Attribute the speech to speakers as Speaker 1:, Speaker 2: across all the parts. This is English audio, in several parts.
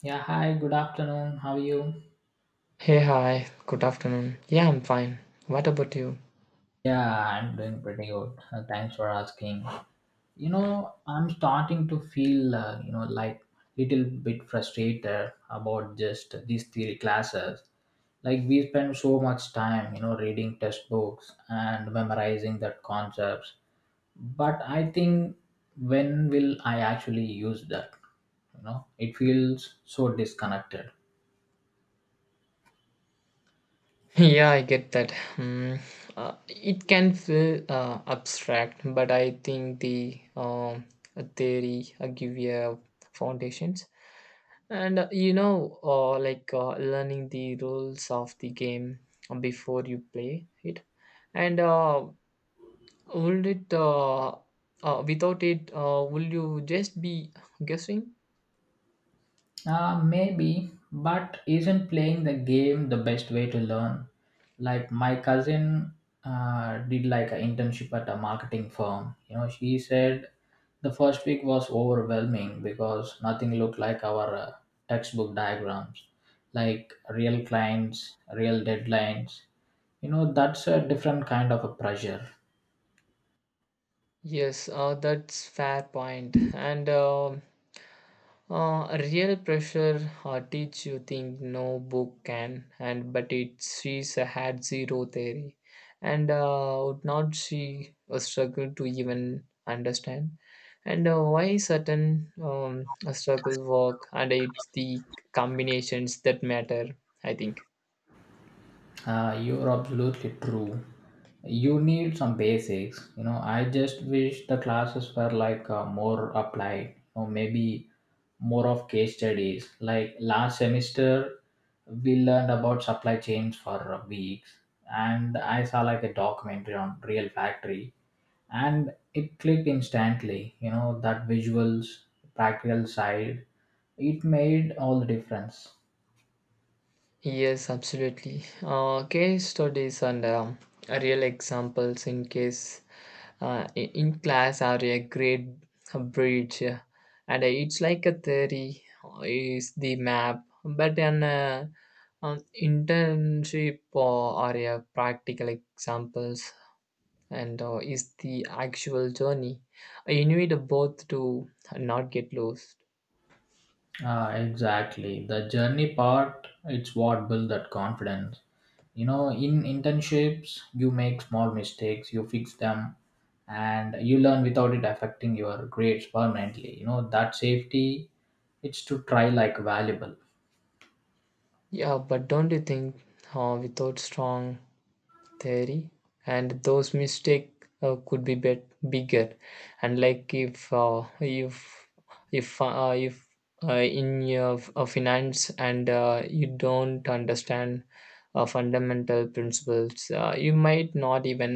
Speaker 1: Yeah, hi, good afternoon. How are you?
Speaker 2: Hey, hi, good afternoon. Yeah, I'm fine. What about you?
Speaker 1: Yeah, I'm doing pretty good. Thanks for asking. I'm starting to feel, like little bit frustrated about just these theory classes. Like we spend so much time, reading textbooks and memorizing that concepts. But I think when will I actually use that? It feels so disconnected.
Speaker 2: Yeah, I get that. Hmm. It can feel abstract, but I think the theory give you a foundations. And you know, like Learning the rules of the game before you play it. And uh, would it, uh, Without it, will you just be guessing?
Speaker 1: Maybe, but isn't playing the game the best way to learn? Like my cousin did like an internship at a marketing firm. She said the first week was overwhelming because nothing looked like our textbook diagrams, like real clients, real deadlines. That's a different kind of a pressure.
Speaker 2: Yes, that's fair point. And Real pressure teach you think no book can, and but it she's a had zero theory, and would not she struggle to even understand, and why certain struggles work, and it's the combinations that matter. I think.
Speaker 1: You're absolutely true. You need some basics. I just wish the classes were like more applied or maybe more of case studies. Like last semester, we learned about supply chains for weeks, and I saw like a documentary on real factory, and it clicked instantly. That visuals, practical side, it made all the difference.
Speaker 2: Yes, absolutely. Case studies and real examples in case in class or a grade bridge and it's like a theory is the map but an internship or a practical examples and is the actual journey you need both to not get lost
Speaker 1: Ah, exactly. The journey part, it's what built that confidence. In internships, you make small mistakes, you fix them, and you learn without it affecting your grades permanently. That safety, it's to try like valuable.
Speaker 2: yeah but don't you think without strong theory and those mistake could be bigger and like if uh, in your finance and you don't understand fundamental principles you might not even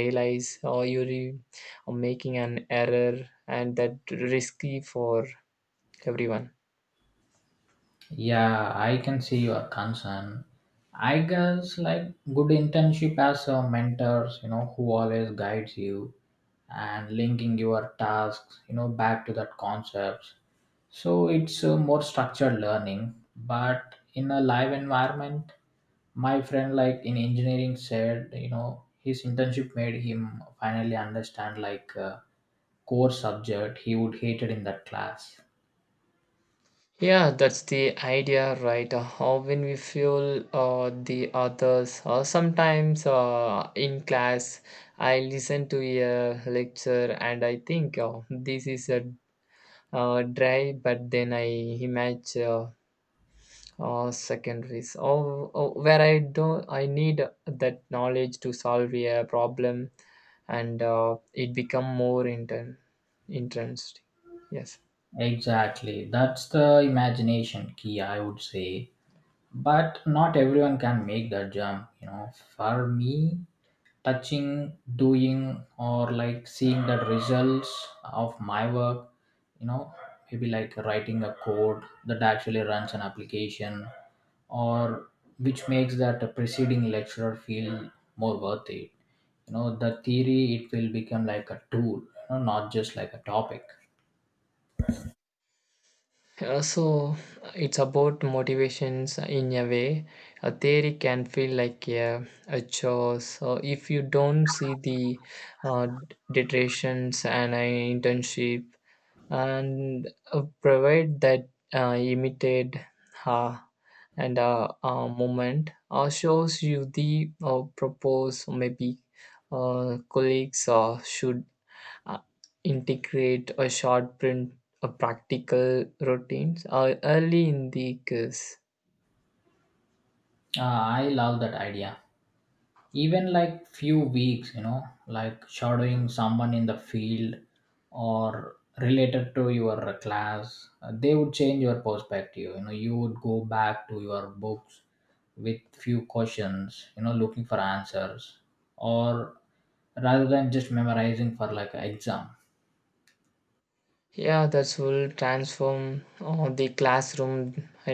Speaker 2: realize or you are making an error and that risky for everyone.
Speaker 1: Yeah, I can see your concern. I guess like good internship as a mentors, who always guides you and linking your tasks, back to that concepts. So it's a more structured learning, but in a live environment, my friend, like in engineering, said, his internship made him finally understand like a core subject he would hated in that class.
Speaker 2: Yeah, that's the idea, right? How when we feel the others, or sometimes in class, I listen to a lecture and I think, oh, this is a dry, but then I imagine secondaries, or oh, where I don't, I need that knowledge to solve a problem, and it become more interesting. Yes.
Speaker 1: Exactly, that's the imagination key, I would say. But not everyone can make that jump. For me, touching doing or like seeing the results of my work you know maybe like writing a code that actually runs an application, or which makes that preceding lecturer feel more worth it. The theory it will become like a tool, not just like a topic.
Speaker 2: So it's about motivations in a way. A theory can feel like a chore. So if you don't see the uh, detractions and an internship and provide that immediate uh, and moment shows you the propose maybe colleagues should uh, integrate a short print a practical routines early in the course.
Speaker 1: I love that idea. Even like few weeks, like shadowing someone in the field or related to your class, they would change your perspective. You would go back to your books with few questions, looking for answers, or rather than just memorizing for like an exam.
Speaker 2: Yeah, that will transform the classroom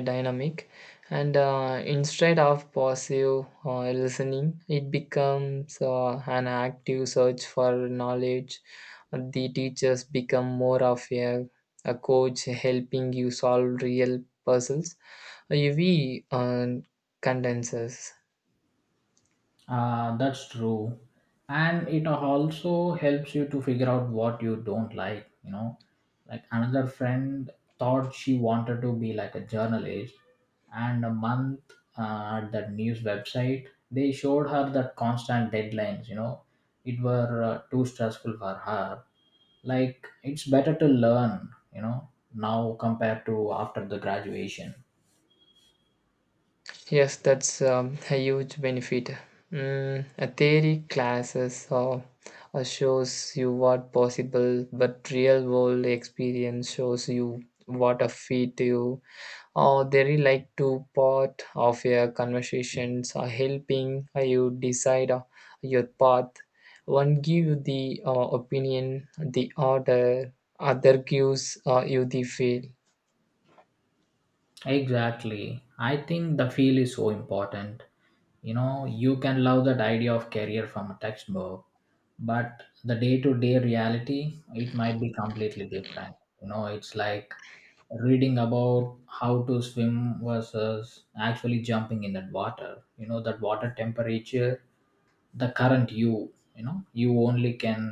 Speaker 2: dynamic and instead of passive listening it becomes an active search for knowledge. The teachers become more of a coach helping you solve real puzzles uv uh, condenses.
Speaker 1: That's true. And it also helps you to figure out what you don't like. Like another friend thought she wanted to be like a journalist, and a month at that news website, they showed her that constant deadlines, it were too stressful for her. Like, it's better to learn, now compared to after the graduation.
Speaker 2: Yes, that's a huge benefit. Mm, a theory classes or shows you what possible, but real world experience shows you what a feat you or they really like to part of your conversations or helping you decide your path. One give you the opinion, the order, other gives you the feel.
Speaker 1: Exactly. I think the feel is so important. You can love that idea of career from a textbook, but the day-to-day reality it might be completely different. It's like reading about how to swim versus actually jumping in that water. That water temperature, the current, you only can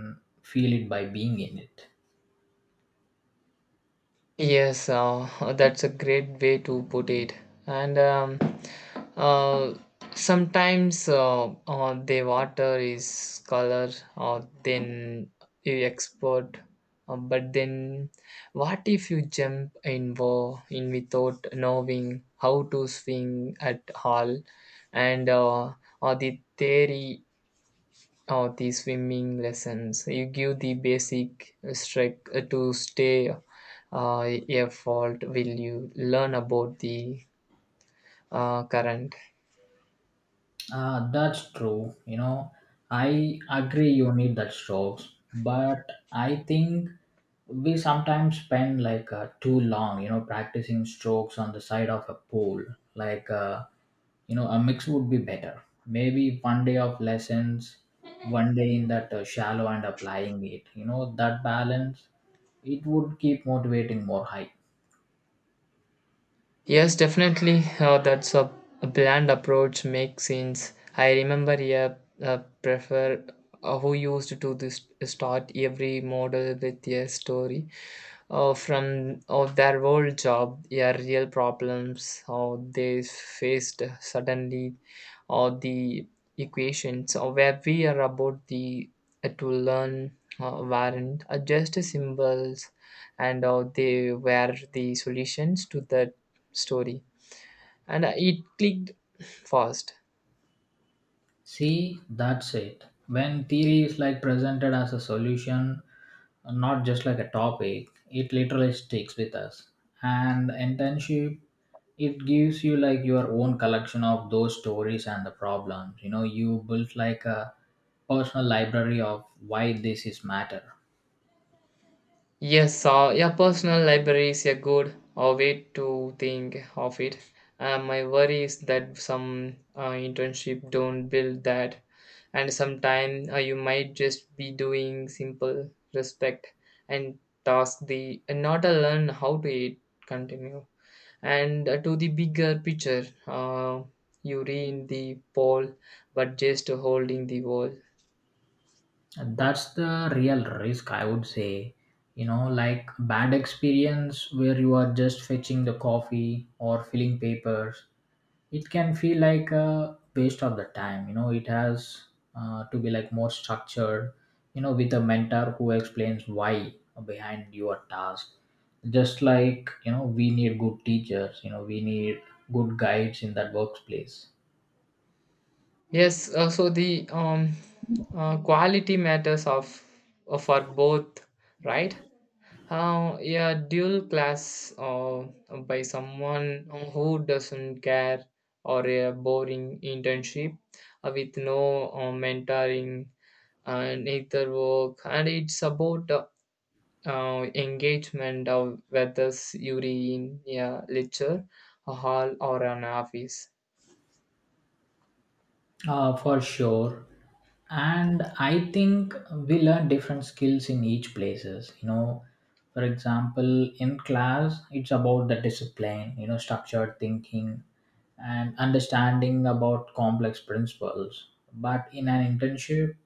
Speaker 1: feel it by being in it.
Speaker 2: Yes, that's a great way to put it. And uh, sometimes the water is color or then you export. But then what if you jump in, in without knowing how to swing at all? And or the theory or the swimming lessons you give the basic strike to stay a fault will you learn about the current.
Speaker 1: That's true. I agree you need that strokes, but I think we sometimes spend like too long, practicing strokes on the side of a pool. Like, a mix would be better. Maybe one day of lessons, one day in that shallow and applying it. That balance, it would keep motivating more high.
Speaker 2: Yes, definitely that's a bland approach makes sense. I remember a prefer who used to do this start every model with a story from of their old job, yeah, real problems or they faced suddenly, or the equations or where we are about the to learn weren't just symbols, and they were the solutions to that story, and it clicked fast.
Speaker 1: See, that's it. When theory is like presented as a solution, not just like a topic, it literally sticks with us. And internship, it gives you like your own collection of those stories and the problems. You built like a personal library of why this is matter.
Speaker 2: Yes, yeah, personal library is a good way to think of it. My worry is that some internship don't build that, and sometime you might just be doing simple respect and task the and not a learn how to it continue and to the bigger picture. You read the pole, but just holding the wall.
Speaker 1: And that's the real risk, I would say. Like bad experience where you are just fetching the coffee or filling papers, it can feel like a waste of the time. It has to be like more structured, with a mentor who explains why behind your task. Just like, we need good teachers, we need good guides in that workplace.
Speaker 2: Yes, so the quality matters of for both, right? Yeah, dual class by someone who doesn't care or a boring internship with no mentoring and either work and it's about engagement of whether you're in a lecture, a hall or an office.
Speaker 1: For sure. And I think we learn different skills in each places. For example, in class it's about the discipline, structured thinking and understanding about complex principles. But in an internship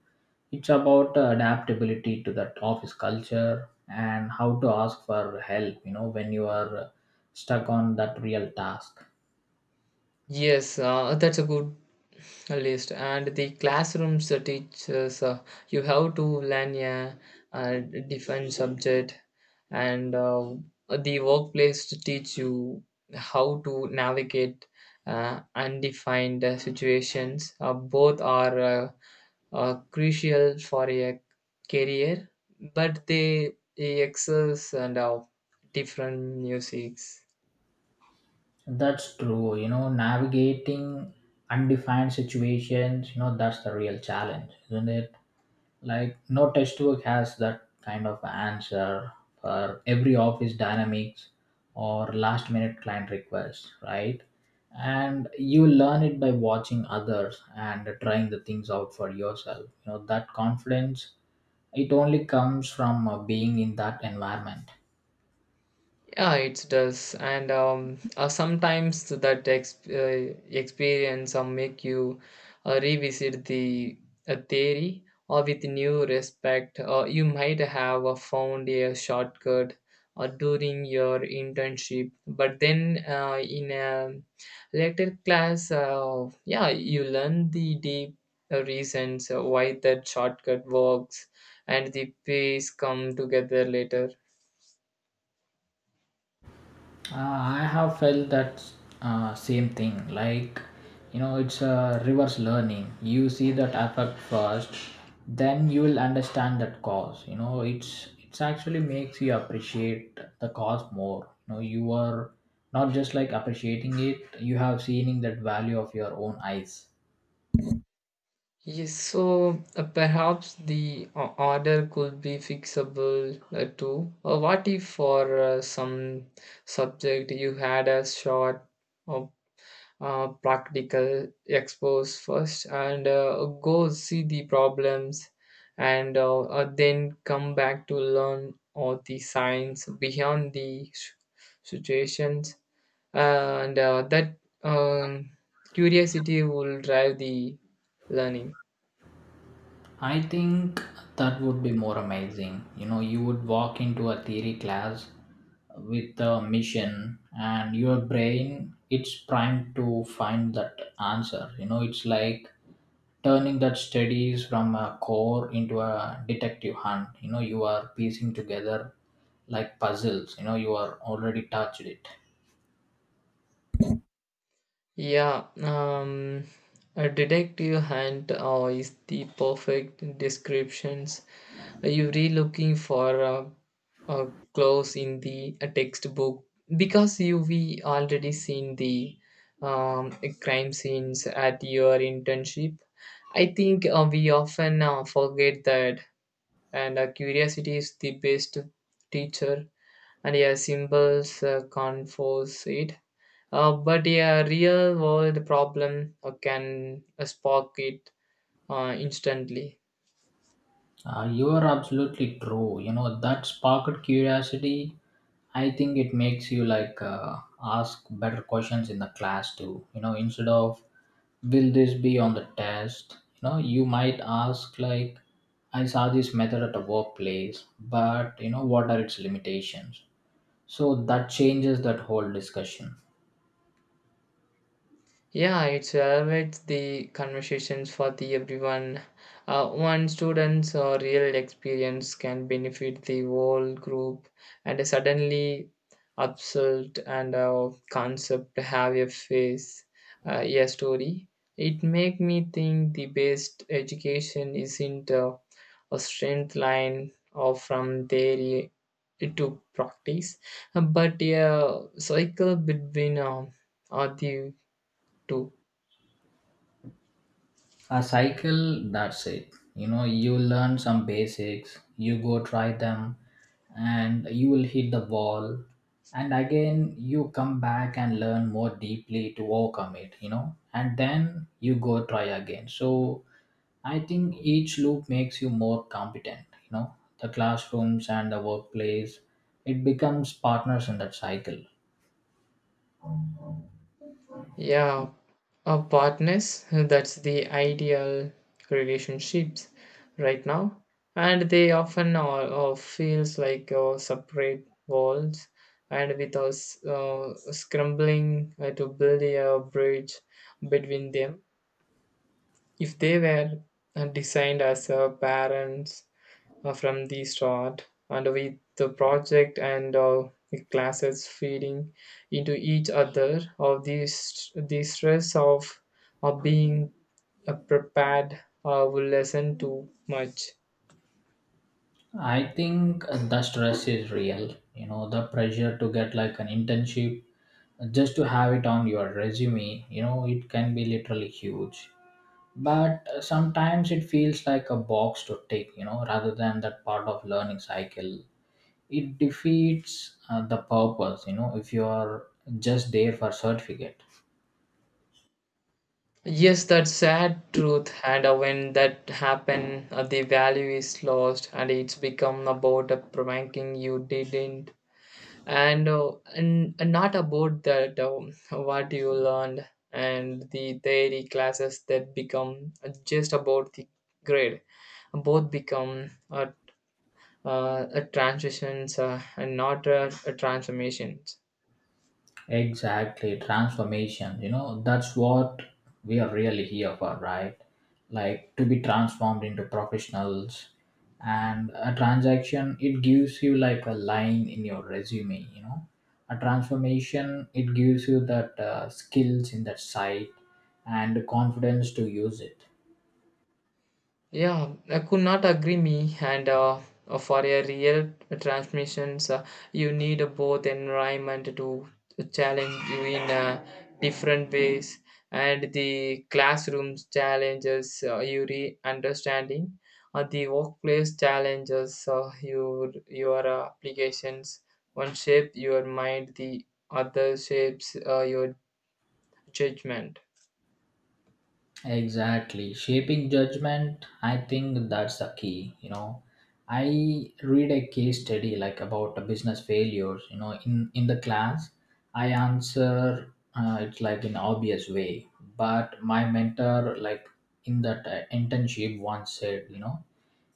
Speaker 1: it's about adaptability to that office culture and how to ask for help when you are stuck on that real task.
Speaker 2: Yes, that's a good a list. And the classrooms teaches you how to learn a, uh different subject and the workplace to teach you how to navigate undefined situations. Both are crucial for a career but they exercise and different musics.
Speaker 1: That's true. Navigating undefined situations, that's the real challenge, isn't it? Like, no textbook has that kind of answer for every office dynamics or last minute client request, right? And you learn it by watching others and trying the things out for yourself. That confidence, it only comes from being in that environment.
Speaker 2: Yeah, it does, and sometimes that experience make you revisit the theory or with new respect. You might have found a shortcut during your internship, but then in a later class, yeah, you learn the deep reasons why that shortcut works, and the pieces come together later.
Speaker 1: I have felt that same thing. Like, it's a reverse learning. You see that effect first, then you will understand that cause. It's actually makes you appreciate the cause more. You are not just like appreciating it. You have seen in that value of your own eyes.
Speaker 2: Yes, so perhaps the order could be fixable too. What if for some subject you had a short uh, practical expose first and go see the problems and then come back to learn all the science beyond the situations and that um curiosity will drive the learning.
Speaker 1: I think that would be more amazing. You would walk into a theory class with a mission and your brain it's primed to find that answer. It's like turning that studies from a core into a detective hunt. You are piecing together like puzzles. You are already touched it.
Speaker 2: Yeah, a detective hunt is the perfect descriptions. Are you really looking for a close in the a textbook because you we already seen the um, crime scenes at your internship. I think we often forget that, and curiosity is the best teacher, and yeah, symbols can't force it. But a real world problem can spark it instantly.
Speaker 1: You are absolutely true. That sparked curiosity. I think it makes you like ask better questions in the class too. Instead of will this be on the test, you might ask like, I saw this method at a workplace, but what are its limitations? So that changes that whole discussion.
Speaker 2: Yeah, it's elevates the conversations for the everyone. One student's real experience can benefit the whole group, and a suddenly absurd and concept have a face, a story. It make me think the best education isn't a strength line or from theory to practice, but a cycle between are the two.
Speaker 1: A cycle, that's it. You learn some basics, you go try them, and you will hit the wall. And again you come back and learn more deeply to overcome it. And then you go try again. So I think each loop makes you more competent. The classrooms and the workplace, it becomes partners in that cycle.
Speaker 2: Yeah, a partners, that's the ideal relationships right now. And they often are feels like separate walls and with us scrambling to build a bridge between them. If they were designed as parents from the start and with the project and the classes feeding into each other of these the stress of being prepared will lessen too much.
Speaker 1: I think the stress is real. The pressure to get like an internship just to have it on your resume, it can be literally huge. But sometimes it feels like a box to tick, rather than that part of learning cycle. It defeats the purpose if you are just there for certificate.
Speaker 2: Yes, that's sad truth and when that happen the value is lost and it's become about a pranking you didn't and and not about that what you learned. And the theory classes that become just about the grade. Both become a transitions and not a transformation.
Speaker 1: Exactly, transformation. That's what we are really here for, right? Like to be transformed into professionals. And a transaction, it gives you like a line in your resume. A transformation, it gives you that skills in that site and the confidence to use it.
Speaker 2: Yeah, I could not agree me. And For a real transmissions, you need both environment to challenge you in different ways, and the classrooms challenges you re understanding, the workplace challenges your your applications. One shape your mind, the other shapes your judgment.
Speaker 1: Exactly. Shaping judgment, I think that's the key. I read a case study like about a business failures, in the class. I answer it's like in obvious way, but my mentor like in that internship once said,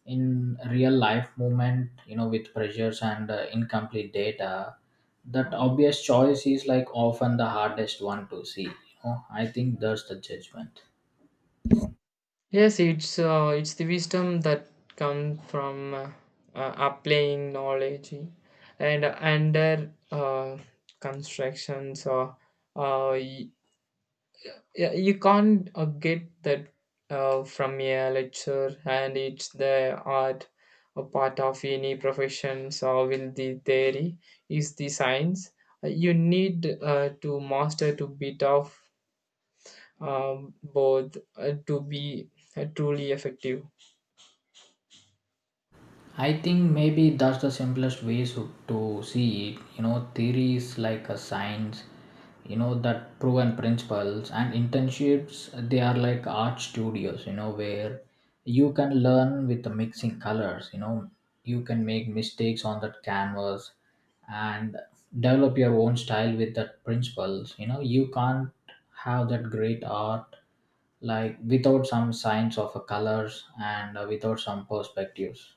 Speaker 1: in real life movement, with pressures and incomplete data, that obvious choice is like often the hardest one to see. I think that's the judgment.
Speaker 2: Yes, it's the wisdom that comes from applying knowledge and under constructions or uh, you, you can't get that from a lecture and it's the art a part of any profession so will the theory is the science. You need to master to bit of both to be truly effective.
Speaker 1: I think maybe that's the simplest way so, to see it. Theories like a science, that proven principles and internships, they are like art studios, where you can learn with the mixing colors, you can make mistakes on that canvas and develop your own style with that principles. You can't have that great art like without some signs of a colors and without some perspectives.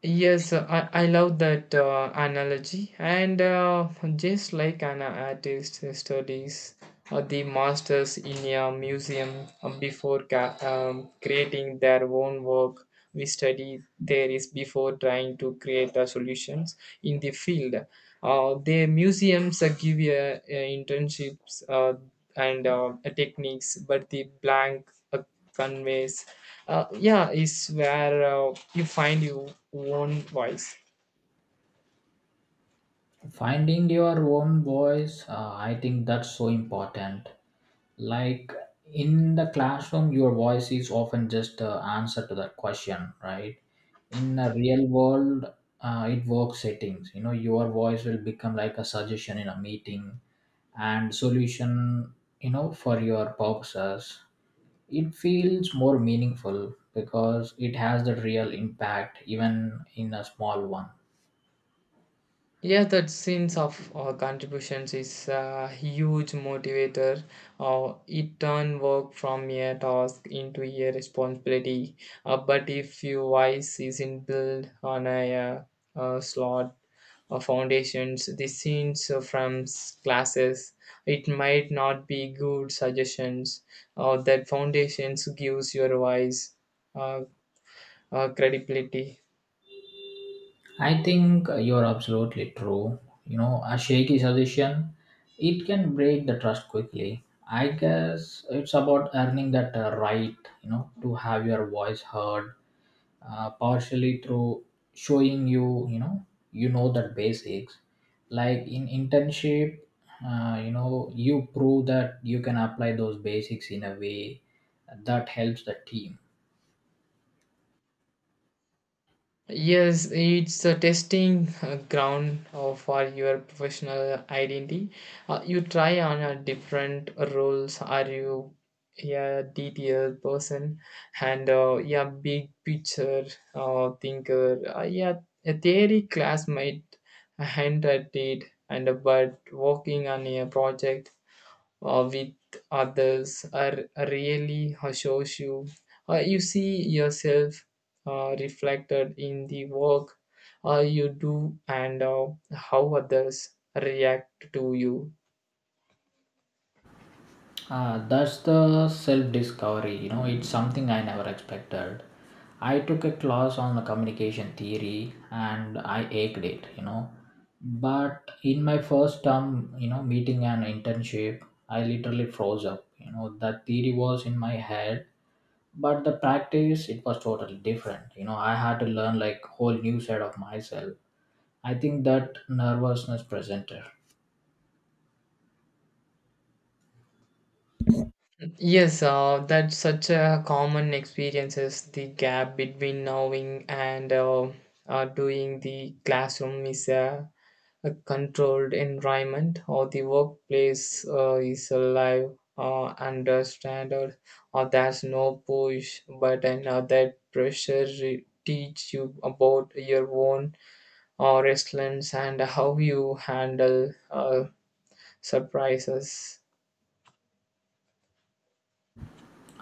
Speaker 2: Yes, I love that analogy. And just like an artist studies the masters in a museum before creating their own work, we study theories before trying to create the solutions in the field. The museums give you internships and techniques, but the blank conveys, yeah, is where you find your own voice.
Speaker 1: Finding your own voice, I think that's so important. Like in the classroom your voice is often just the answer to that question, right? In a real world, it works settings. Your voice will become like a suggestion in a meeting and solution, for your purposes. It feels more meaningful because it has the real impact, even in a small one.
Speaker 2: Yeah, that sense of contributions is a huge motivator. It turn work from a task into a responsibility. But if your voice isn't built on a slot foundations, the scenes from classes, it might not be good suggestions. That foundations gives your voice. Uh, Credibility.
Speaker 1: I think you're absolutely true. A shaky suggestion, it can break the trust quickly. I guess it's about earning that right, to have your voice heard, partially through showing you, you know the basics. Like in internship, you prove that you can apply those basics in a way that helps the team.
Speaker 2: Yes, it's a testing ground for your professional identity. You try on a different roles. Are you a detail person and yeah, big picture thinker? Yeah, a theory classmate, a hand at it, and a but working on a project with others are really assures you. You see yourself reflected in the work you do and how others react to you.
Speaker 1: Ah, that's the self discovery. It's something I never expected. I took a class on the communication theory and I aced it. But in my first term, meeting an internship, I literally froze up. That theory was in my head, but the practice, it was totally different. I had to learn like whole new side of myself. I think that nervousness presented.
Speaker 2: Yes, that's such a common experience is the gap between knowing and doing. The classroom is a controlled environment or the workplace is alive under standard or there's no push button or that pressure teach you about your own resilience and how you handle surprises.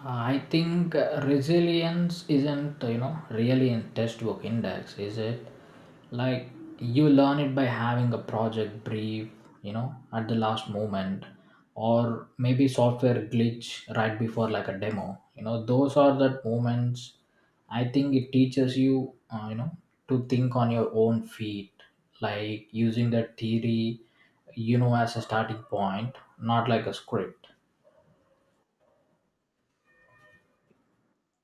Speaker 1: I think resilience isn't really in textbook index, is it? Like you learn it by having a project brief, at the last moment, or maybe software glitch right before like a demo. Those are the moments. I think it teaches you, to think on your own feet, like using the theory, as a starting point, not like a script.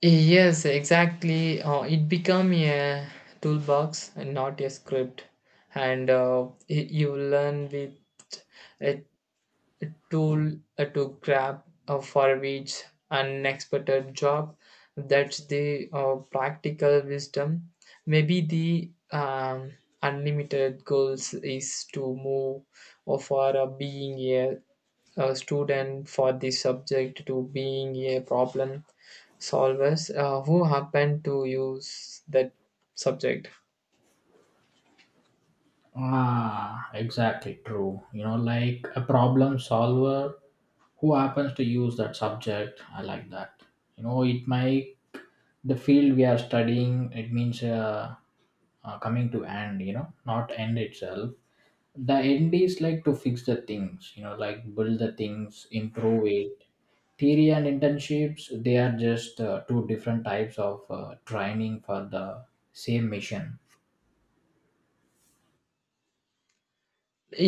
Speaker 2: Yes, exactly it become a toolbox and not a script and you learn with tool to grab for each unexpected job. That's the practical wisdom. Maybe the unlimited goals is to move or for being a student for the subject to being a problem solvers who happen to use that subject.
Speaker 1: Ah, exactly true. Like a problem solver who happens to use that subject. I like that. It might the field we are studying. It means coming to end. Not end itself. The end is like to fix the things. Like build the things, improve it. Theory and internships they are just two different types of training for the same mission.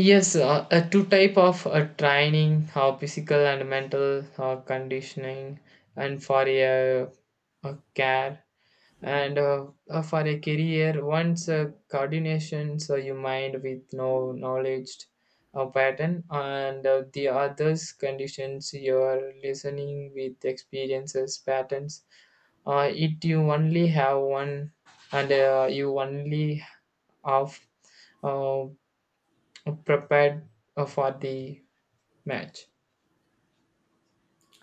Speaker 2: Yes, two type of training, physical and mental conditioning, and for a care and for a career. Once coordination, so your mind with no knowledge pattern, and the others conditions your listening with experiences patterns. It you only have one, and you only have uh, prepared for the match.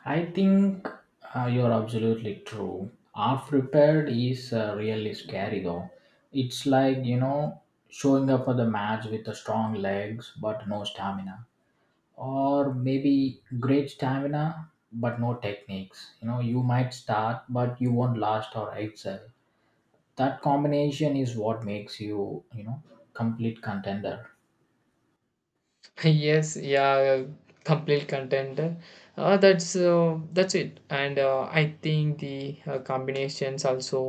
Speaker 1: I think you're absolutely true. Unprepared is really scary though. It's like, showing up for the match with the strong legs but no stamina. Or maybe great stamina but no techniques. You might start but you won't last or excel. That combination is what makes you, complete contender.
Speaker 2: Yes, yeah, complete contender that's it and I think the combinations also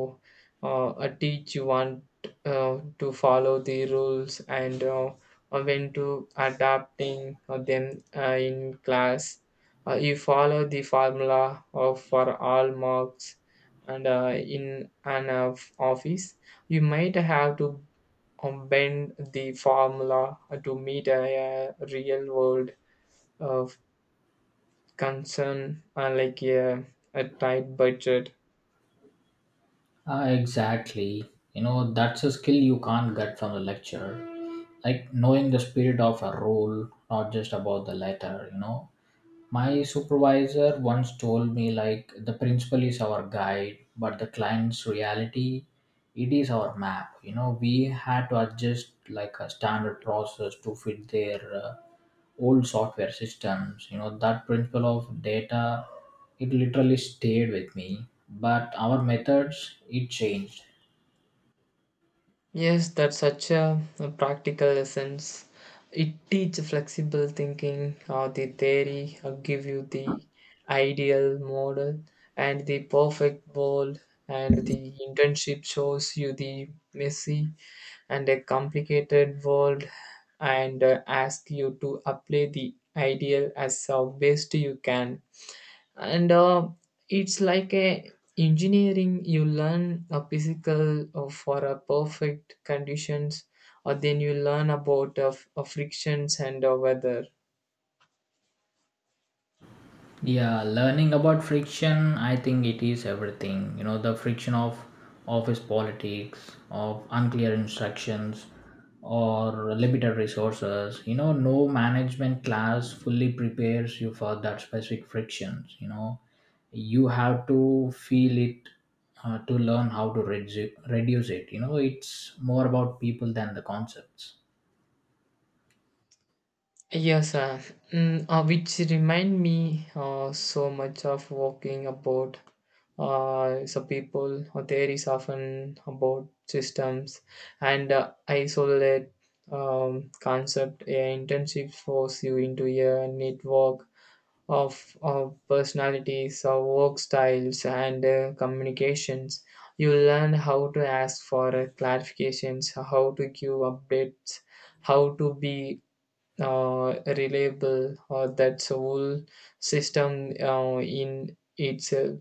Speaker 2: teach you want to follow the rules and when to adapting them in class you follow the formula of for all marks and in an of office you might have to bend the formula to meet a real world of concern like a tight budget.
Speaker 1: Exactly. That's a skill you can't get from the lecture. Like knowing the spirit of a role, not just about the letter. My supervisor once told me like the principal is our guide, but the client's reality, it is our map. We had to adjust like a standard process to fit their old software systems. That principle of data, it literally stayed with me, but our methods it changed.
Speaker 2: Yes, that's such a practical essence. It teaches flexible thinking, or the theory, give you the ideal model and the perfect world, and the internship shows you the messy and a complicated world and ask you to apply the ideal as best you can and it's like a engineering you learn a physical for a perfect conditions or then you learn about frictions and weather.
Speaker 1: Yeah, learning about friction, I think it is everything. The friction of office politics, of unclear instructions, or limited resources. No management class fully prepares you for that specific frictions. You have to feel it to learn how to reduce it. It's more about people than the concepts.
Speaker 2: Yes, mm, which remind me so much of walking about so people or theories often about systems and isolate concept. A internship force you into a network of personalities, work styles, and communications. You learn how to ask for clarifications, how to give updates, how to be reliable or that's a whole system in itself.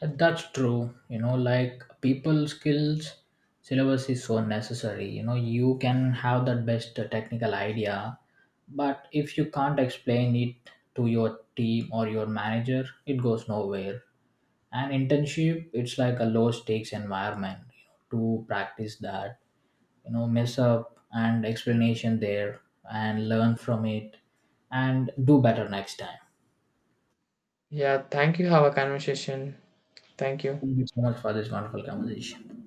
Speaker 1: That's true. Like people skills syllabus is so necessary. You can have that best technical idea, but if you can't explain it to your team or your manager, it goes nowhere. And internship, it's like a low stakes environment, to practice that. Mess up and explanation there, and learn from it, and do better next time.
Speaker 2: Yeah, thank you. Have a conversation. Thank you.
Speaker 1: Thank you so much for this wonderful conversation.